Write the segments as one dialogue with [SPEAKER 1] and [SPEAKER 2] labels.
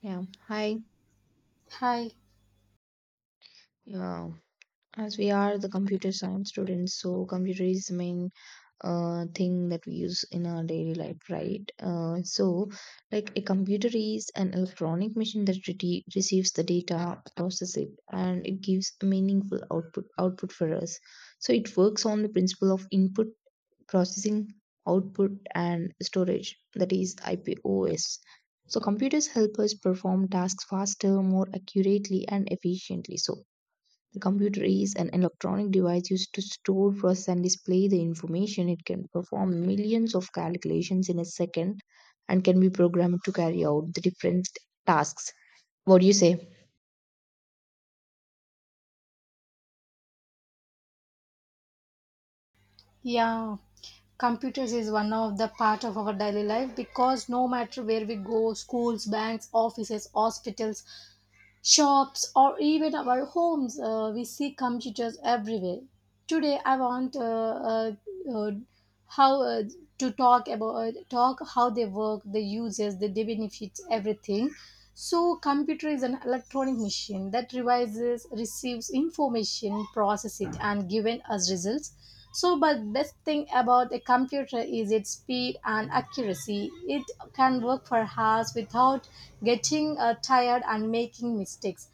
[SPEAKER 1] Yeah, hi.
[SPEAKER 2] Hi,
[SPEAKER 1] Yeah, as we are the computer science students, so computer is the main thing that we use in our daily life, right? Like a computer is an electronic machine that receives the data, process it, and it gives meaningful output for us. So it works on the principle of input, processing, output, and storage, that is IPOS. So computers help us perform tasks faster, more accurately, and efficiently. So the computer is an electronic device used to store, process, and display the information. It can perform millions of calculations in a second and can be programmed to carry out the different tasks. What do you say?
[SPEAKER 2] yeah. Computers is one of the part of our daily life because no matter where we go, schools, banks, offices, hospitals, shops, or even our homes, we see computers everywhere. Today, I want uh, how to talk about talk how they work, the uses, the benefits, everything. So, computer is an electronic machine that revises, receives information, processes it, and given us results. So, but best thing about a computer is its speed and accuracy. It can work for hours without getting tired and making mistakes.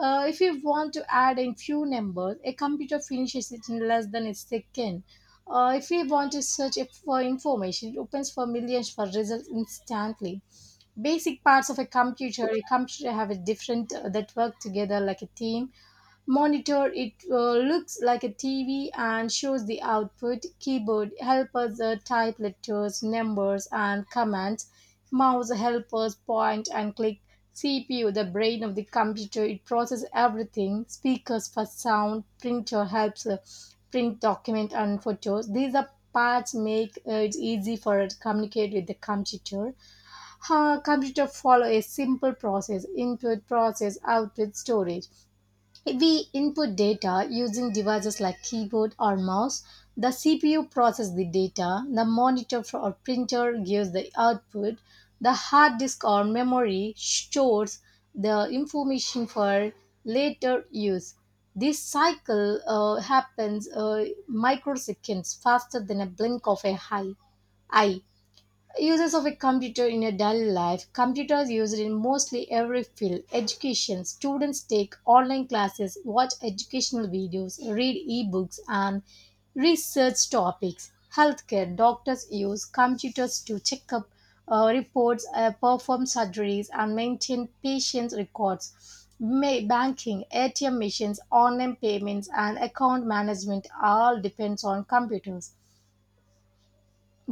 [SPEAKER 2] If you want to add in few numbers, a computer finishes it in less than a second. If we want to search it for information, it opens for millions for results instantly. Basic parts of a computer: a computer have a different that work together like a team. Monitor, it looks like a tv and shows the output. Keyboard help us type letters, numbers, and commands. Mouse help us point and click. CPU, the brain of the computer, it processes everything. Speakers for sound. Printer helps print document and photos. These are parts, make it easy for us to communicate with the computer. Computer follow a simple process: input, process, output, storage. We input data using devices like keyboard or mouse. The CPU processes the data, the monitor or printer gives the output, the hard disk or memory stores the information for later use. This cycle happens microseconds faster than a blink of a eye. Eye uses of a computer in a daily life. Computers used in mostly every field. Education: students take online classes, watch educational videos, read ebooks, and research topics. Healthcare: doctors use computers to check up reports, perform surgeries, and maintain patient records. May banking: atm machines, online payments, and account management all depends on computers.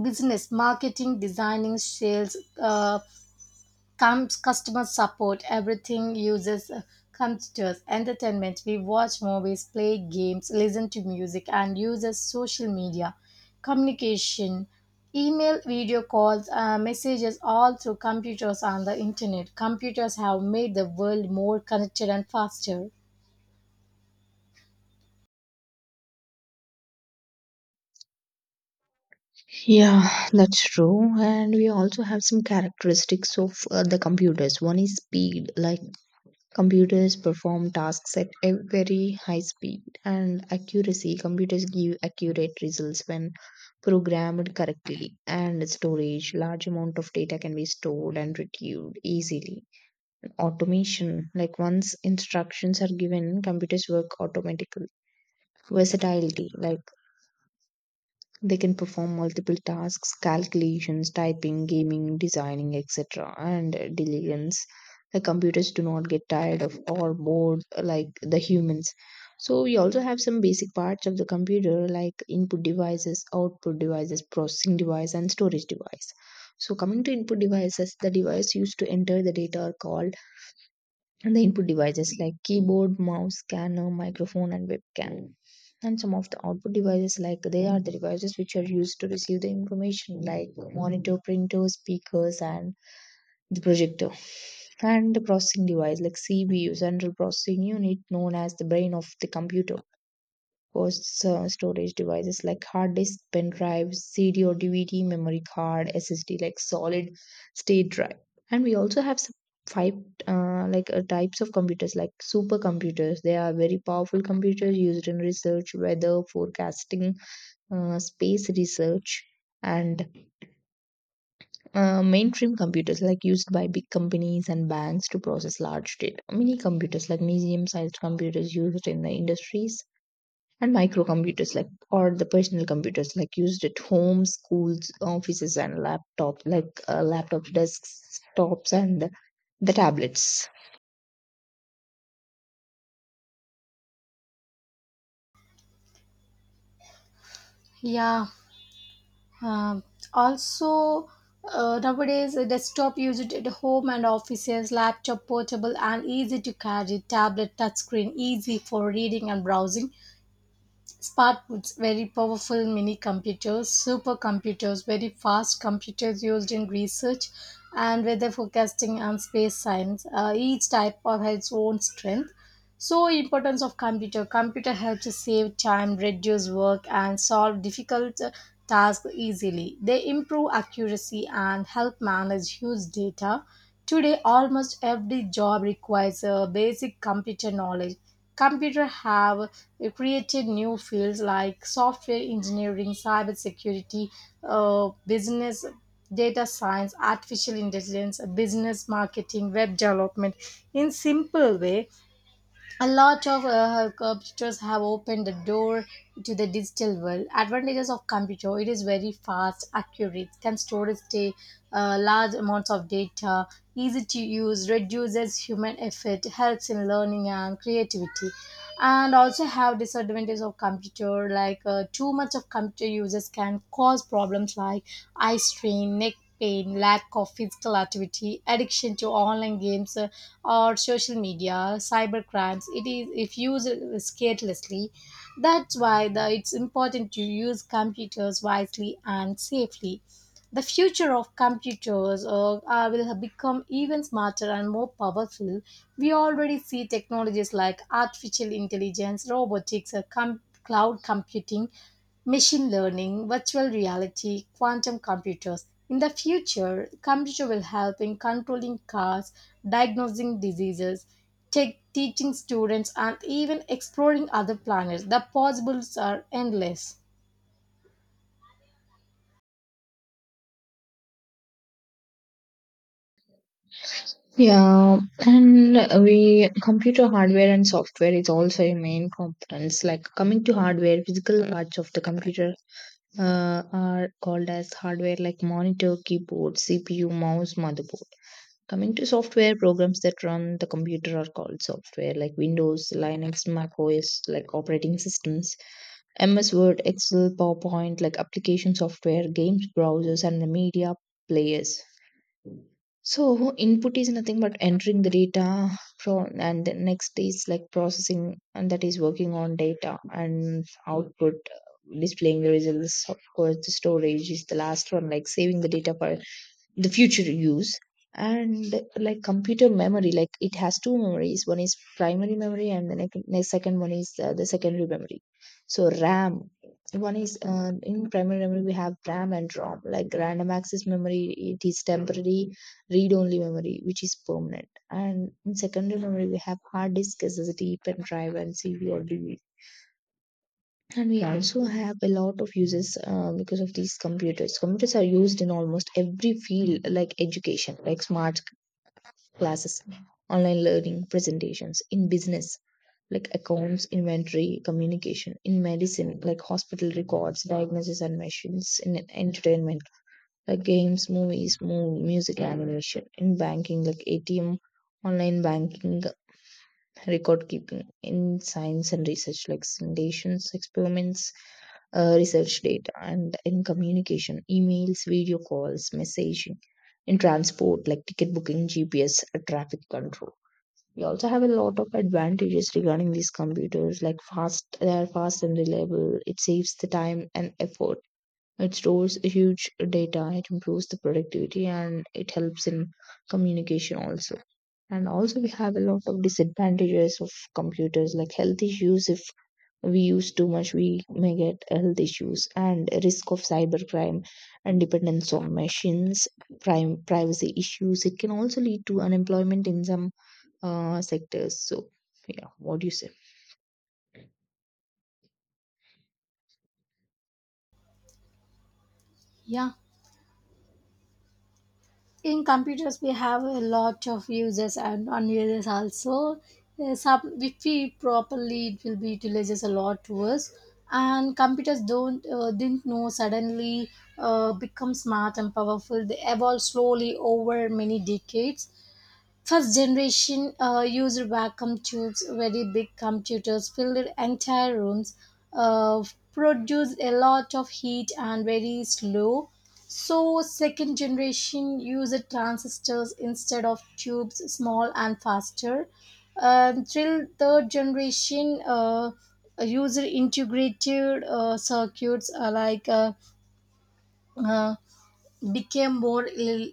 [SPEAKER 2] Business: marketing, designing, sales, comes customer support, everything uses computers. Entertainment: we watch movies, play games, listen to music, and uses social media. Communication: email, video calls, messages, all through computers and the internet. Computers have made the world more connected and faster.
[SPEAKER 1] Yeah, that's true. And we also have some characteristics of the computers. One is speed, like computers perform tasks at a very high speed and accuracy. Computers give accurate results when programmed correctly. And storage, large amount of data can be stored and retrieved easily. Automation, like once instructions are given, computers work automatically. Versatility, like they can perform multiple tasks, calculations, typing, gaming, designing, etc. And diligence, the computers do not get tired of or bored like the humans. So we also have some basic parts of the computer like input devices, output devices, processing device, and storage device. So coming to input devices, the device used to enter the data are called the input devices, like keyboard, mouse, scanner, microphone, and webcam. And some of the output devices, like they are the devices which are used to receive the information, like monitor, printer, speakers, and the projector. And the processing device, like CPU, central processing unit, known as the brain of the computer, hosts storage devices like hard disk, pen drive, CD or DVD, memory card, SSD, like solid state drive. And we also have some five, like, types of computers like supercomputers. They are very powerful computers used in research, weather forecasting, space research, and mainstream computers, like used by big companies and banks to process large data. Mini computers, like medium-sized computers used in the industries, and microcomputers, like or the personal computers, like used at home, schools, offices, and laptop, like laptop desks, tops, and the tablets.
[SPEAKER 2] Yeah. Um, also, nowadays, a desktop used at home and offices, laptop portable and easy to carry, tablet touchscreen easy for reading and browsing, Smartboards, very powerful mini computers, supercomputers, very fast computers used in research and weather forecasting and space science. Each type of has its own strength. So importance of computer. Computer helps us save time, reduce work, and solve difficult tasks easily. They improve accuracy and help manage huge data. Today, almost every job requires a basic computer knowledge. Computer have it created new fields like software engineering, cybersecurity, business, data science, artificial intelligence, business marketing, web development. In simple way, a lot of computers have opened the door to the digital world. Advantages of computer: it is very fast, accurate, can store stay, large amounts of data, easy to use, reduces human effort, helps in learning and creativity. And also have disadvantages of computer like too much of computer uses can cause problems like eye strain, neck pain, lack of physical activity, addiction to online games, or social media, cyber crimes. It is, if used carelessly, that's why the, it's important to use computers wisely and safely. The future of computers will become even smarter and more powerful. We already see technologies like artificial intelligence, robotics, cloud computing, machine learning, virtual reality, quantum computers. In the future, computer will help in controlling cars, diagnosing diseases, tech teaching students, and even exploring other planets. The possibilities are endless.
[SPEAKER 1] Yeah, and we computer hardware and software is also a main components. Like coming to hardware, physical parts of the computer are called as hardware, like monitor, keyboard, CPU, mouse, motherboard. Coming to software, programs that run the computer are called software, like Windows, Linux, Mac OS, like operating systems, MS Word, Excel, PowerPoint, like application software, games, browsers, and the media players. So input is nothing but entering the data from, and the next is like processing, and that is working on data, and output, displaying the results. Of course, the storage is the last one, like saving the data for the future use. And like, computer memory, like it has two memories. One is primary memory, and the next second one is the secondary memory. So RAM, one is, in primary memory we have RAM and ROM, like random access memory, it is temporary, read only memory, which is permanent. And in secondary memory we have hard disk, SSD, pen drive, and cv or DVD. And we also have a lot of uses because of these computers. Computers are used in almost every field like education, like smart classes, online learning, presentations; in business, like accounts, inventory, communication; in medicine, like hospital records, diagnosis, and machines; in entertainment, like games, movies, mu music, animation; in banking, like ATM, online banking, record keeping; in science and research, like simulations, experiments, research data; and in communication, emails, video calls, messaging; in transport, like ticket booking, GPS, traffic control. We also have a lot of advantages regarding these computers, like fast, they are fast and reliable. It saves the time and effort. It stores huge data. It improves the productivity, and it helps in communication also. And also we have a lot of disadvantages of computers, like health issues. If we use too much, we may get health issues and risk of cybercrime and dependence on machines, prime privacy issues. It can also lead to unemployment in some sectors. So yeah, what do you say?
[SPEAKER 2] Yeah. In computers we have a lot of users and non-users also. Some, if we properly it will be utilizes a lot worse. And computers don't didn't know suddenly become smart and powerful, they evolve slowly over many decades. First generation used vacuum tubes, very big computers filled entire rooms, uh, produced a lot of heat and very slow. So, second generation used transistors instead of tubes, small and faster. Till third generation user integrated circuits uh, became more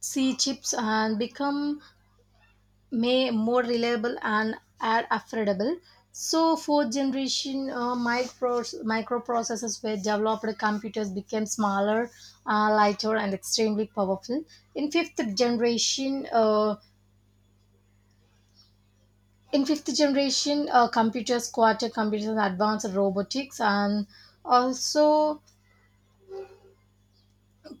[SPEAKER 2] C chips and become may more reliable and are affordable. So, fourth generation microprocessors were developed. Computers became smaller, lighter, and extremely powerful. In fifth generation, uh, in fifth generation computers, quarter computers, advanced robotics, and also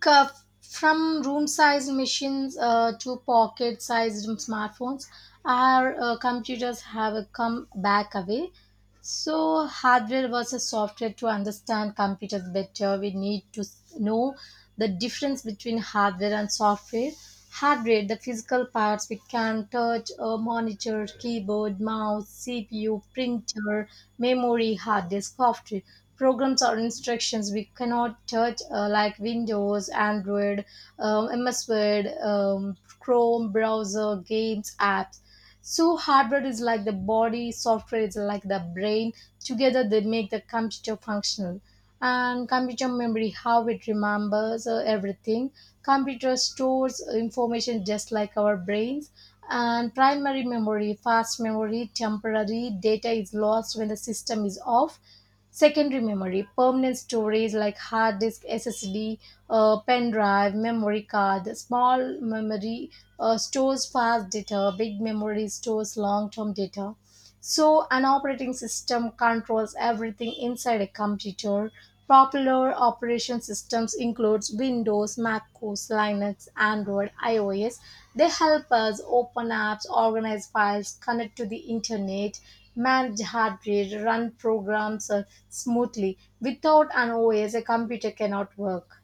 [SPEAKER 2] ca- from room-sized machines to pocket-sized smartphones, our computers have come back away. So, hardware versus software. To understand computers better, we need to know the difference between hardware and software. Hardware, the physical parts we can touch, a monitor, keyboard, mouse, CPU, printer, memory, hard disk. Software, programs or instructions we cannot touch, like Windows, Android, MS Word, Chrome browser, games, apps. So hardware is like the body, software is like the brain. Together they make the computer functional. And computer memory, how it remembers everything. Computer stores information just like our brains. And primary memory, fast memory, temporary data is lost when the system is off. Secondary memory, permanent storage like hard disk, SSD, pen drive, memory card. Small memory stores fast data, big memory stores long term data. So, an operating system controls everything inside a computer. Popular operation systems includes Windows, Mac OS, Linux, Android, iOS. They help us open apps, organize files, connect to the internet, manage hard rate, run programs smoothly. Without an OS, a computer cannot work.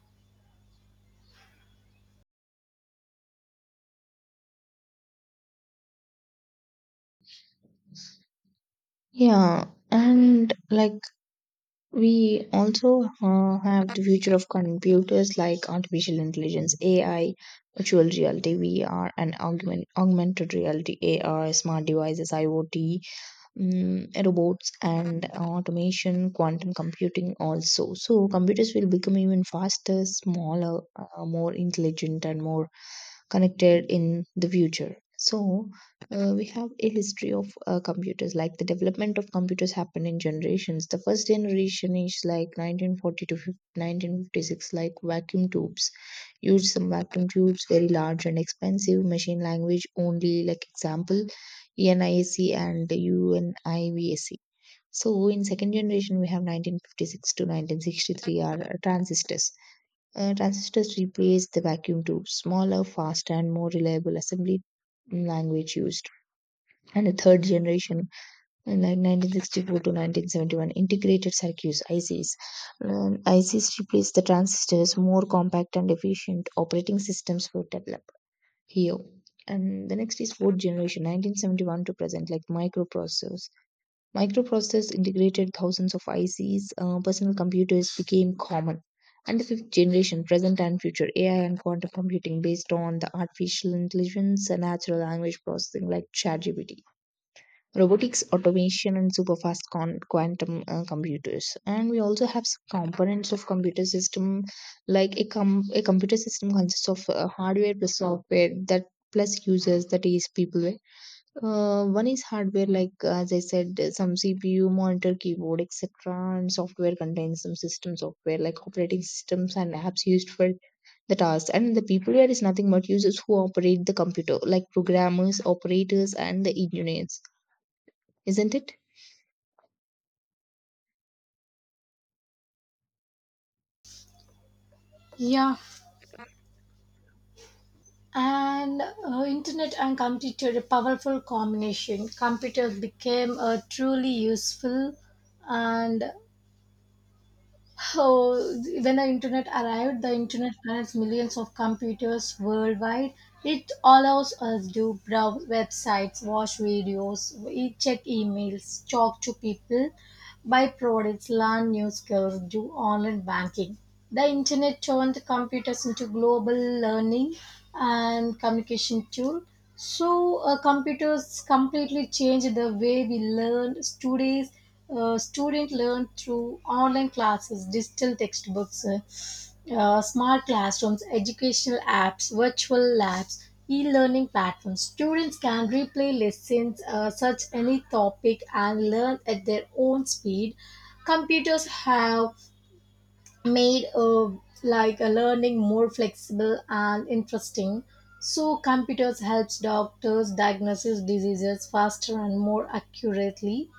[SPEAKER 1] Yeah, and like, we also have the future of computers like artificial intelligence, AI, virtual reality, VR, and augmented reality, AR, smart devices, IoT, mm, robots, and automation, quantum computing also. So computers will become even faster, smaller, more intelligent, and more connected in the future. So, we have a history of computers, like the development of computers happened in generations. The first generation is like 1940 to 1956, like vacuum tubes. Used some vacuum tubes, very large and expensive. Machine language only, like example, ENIAC and UNIVAC. So in second generation, we have 1956 to 1963 are transistors. Transistors replaced the vacuum tube, smaller, faster, and more reliable. Assembly language used. And the third generation, in like 1964 to 1971, integrated circuits (ICs). ICs replaced the transistors, more compact and efficient operating systems were developed here. And the next is fourth generation, 1971 to present, like microprocessors. Microprocessors integrated thousands of ICs, personal computers became common. And the fifth generation, present and future, AI and quantum computing based on the artificial intelligence and natural language processing, like ChatGPT, robotics, automation, and superfast quantum computers. And we also have some components of computer system, like a computer system consists of hardware plus software, that plus users, that is people. One is hardware, like as I said, some CPU, monitor, keyboard, etc., and software contains some system software like operating systems and apps used for the task. And the peopleware is nothing but users who operate the computer, like programmers, operators, and the engineers, isn't it?
[SPEAKER 2] Yeah, and internet and computer, a powerful combination. Computers became truly useful and, oh, when the internet arrived, the internet connects millions of computers worldwide. It allows us to browse websites, watch videos, check emails, talk to people, buy products, learn new skills, do online banking. The internet turned computers into global learning and communication tool. So computers completely changed the way we learn. Today's students learn through online classes, digital textbooks, smart classrooms, educational apps, virtual labs, e-learning platforms. Students can replay lessons, search any topic, and learn at their own speed. Computers have made like a learning more flexible and interesting. So computers helps doctors diagnose diseases faster and more accurately.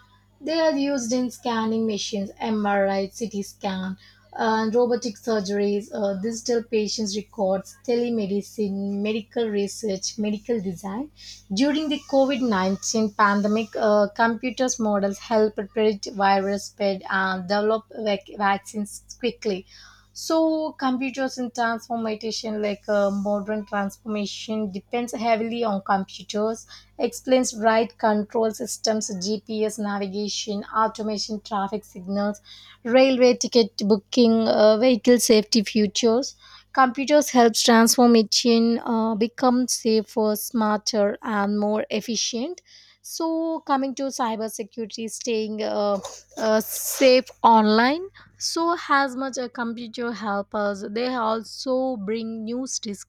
[SPEAKER 2] They are used in scanning machines, MRI, CT scan, and robotic surgeries, digital patient records, telemedicine, medical research, medical design. During the COVID 19 pandemic, computers models helped predict virus spread and develop vaccines quickly. So computers in transformation, like modern transformation, depends heavily on computers. Explains right control systems, GPS navigation, automation, traffic signals, railway ticket booking, vehicle safety futures. Computers helps transformation become safer, smarter, and more efficient. So coming to cybersecurity, staying safe online. So as much a computer help us, they also bring new risk.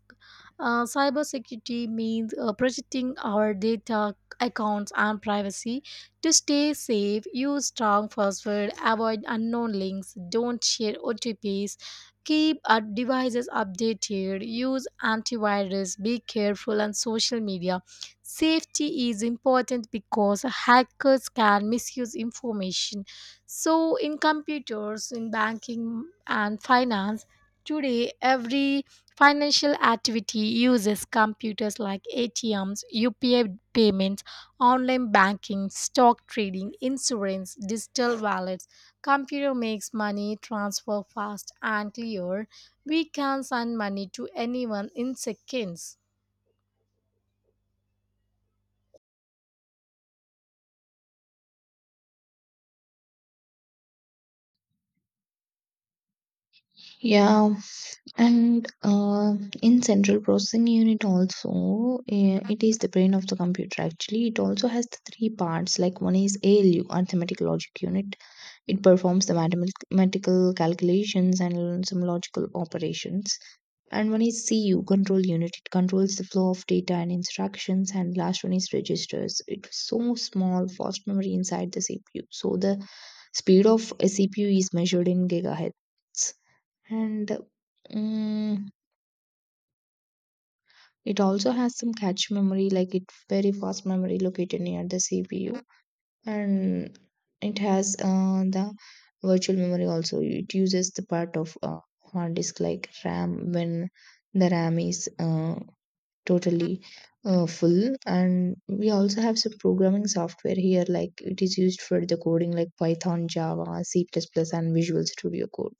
[SPEAKER 2] Cybersecurity means protecting our data, accounts, and privacy. To stay safe, use strong password, avoid unknown links, don't share otps, keep our devices updated, use antivirus, be careful on social media. Safety is important because hackers can misuse information. So, in computers, in banking and finance, today every financial activity uses computers like ATMs, UPI payments, online banking, stock trading, insurance, digital wallets. Computer makes money transfer fast and clear. We can send money to anyone in seconds.
[SPEAKER 1] Yeah. And in central processing unit also, eh, it is the brain of the computer actually. It also has the three parts, like one is ALU, arithmetic logic unit. It performs the mathematical calculations and some logical operations. And one is CU, control unit. It controls the flow of data and instructions. And last one is registers. It's so small, fast memory inside the CPU. So the speed of a CPU is measured in gigahertz. And mm, it also has some cache memory, like it very fast memory located near the CPU. And it has the virtual memory also. It uses the part of hard disk like RAM when the RAM is totally full. And we also have some programming software here, like it is used for the coding like Python, Java, C++, and Visual Studio Code.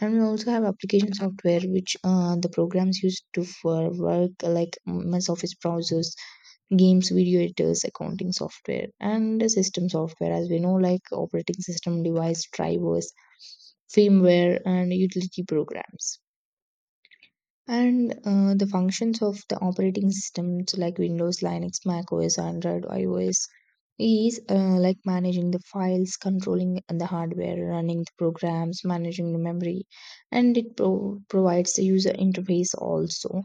[SPEAKER 1] And we also have application software, which the programs used to for work like MS Office, browsers, games, video editors, accounting software, and the system software, as we know, like operating system, device drivers, firmware, and utility programs. And the functions of the operating systems, like Windows, Linux, Mac OS, Android, iOS, is like managing the files, controlling the hardware, running the programs, managing the memory, and it provides the user interface also.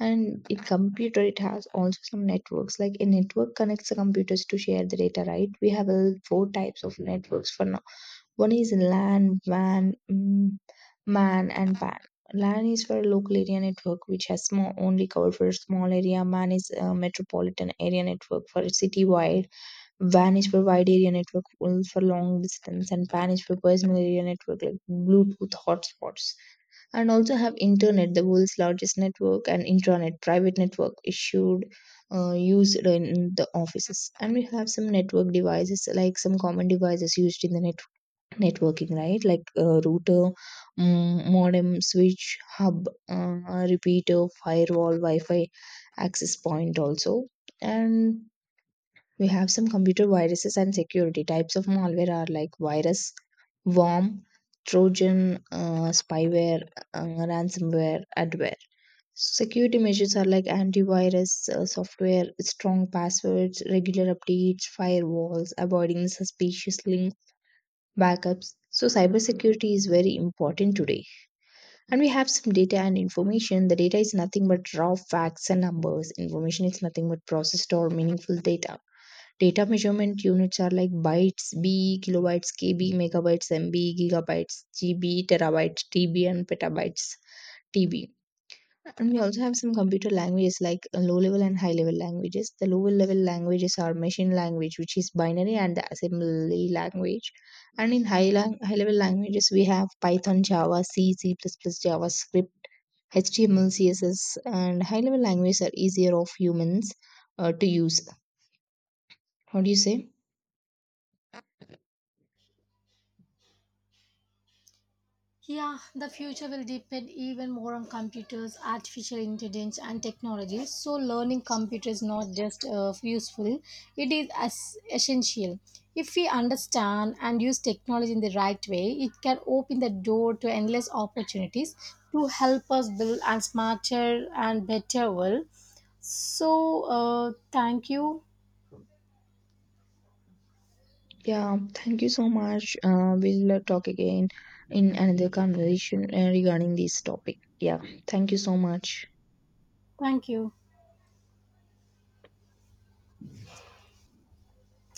[SPEAKER 1] And in computer, it has also some networks. Like a network connects the computers to share the data, right? We have four types of networks for, one is LAN, WAN, mm, MAN, and PAN. LAN is for local area network, which has small, only cover for small area. MAN is a metropolitan area network for citywide. WAN is for wide area network full for long distance, and PAN is for personal area network like Bluetooth hotspots. And also have internet, the world's largest network, and intranet, private network issued used in the offices. And we have some network devices, like some common devices used in the networking, right? Like router, mm, modem, switch, hub, repeater, firewall, wi-fi access point also. And we have some computer viruses and security. Types of malware are like virus, worm, trojan, spyware, uh, ransomware, adware. Security measures are like antivirus software, strong passwords, regular updates, firewalls, avoiding suspicious links, backups. So cybersecurity is very important today. And we have some data and information. The data is nothing but raw facts and numbers. Information is nothing but processed or meaningful data. Data measurement units are like bytes, B, kilobytes, KB, megabytes, MB, gigabytes, GB, terabytes, TB, and petabytes, TB. And we also have some computer languages like low level and high level languages. The low level languages are machine language, which is binary, and the assembly language. And in high level languages, we have Python, Java, C, C, JavaScript, HTML, CSS, and high level languages are easier of humans to use. What do you say?
[SPEAKER 2] Yeah, the future will depend even more on computers, artificial intelligence, and technology. So, learning computers is not just useful, it is as essential. If we understand and use technology in the right way, it can open the door to endless opportunities to help us build a smarter and better world. So, thank you.
[SPEAKER 1] Yeah, thank you so much. We'll talk again in another conversation regarding this topic. Yeah, thank you so much.
[SPEAKER 2] Thank you.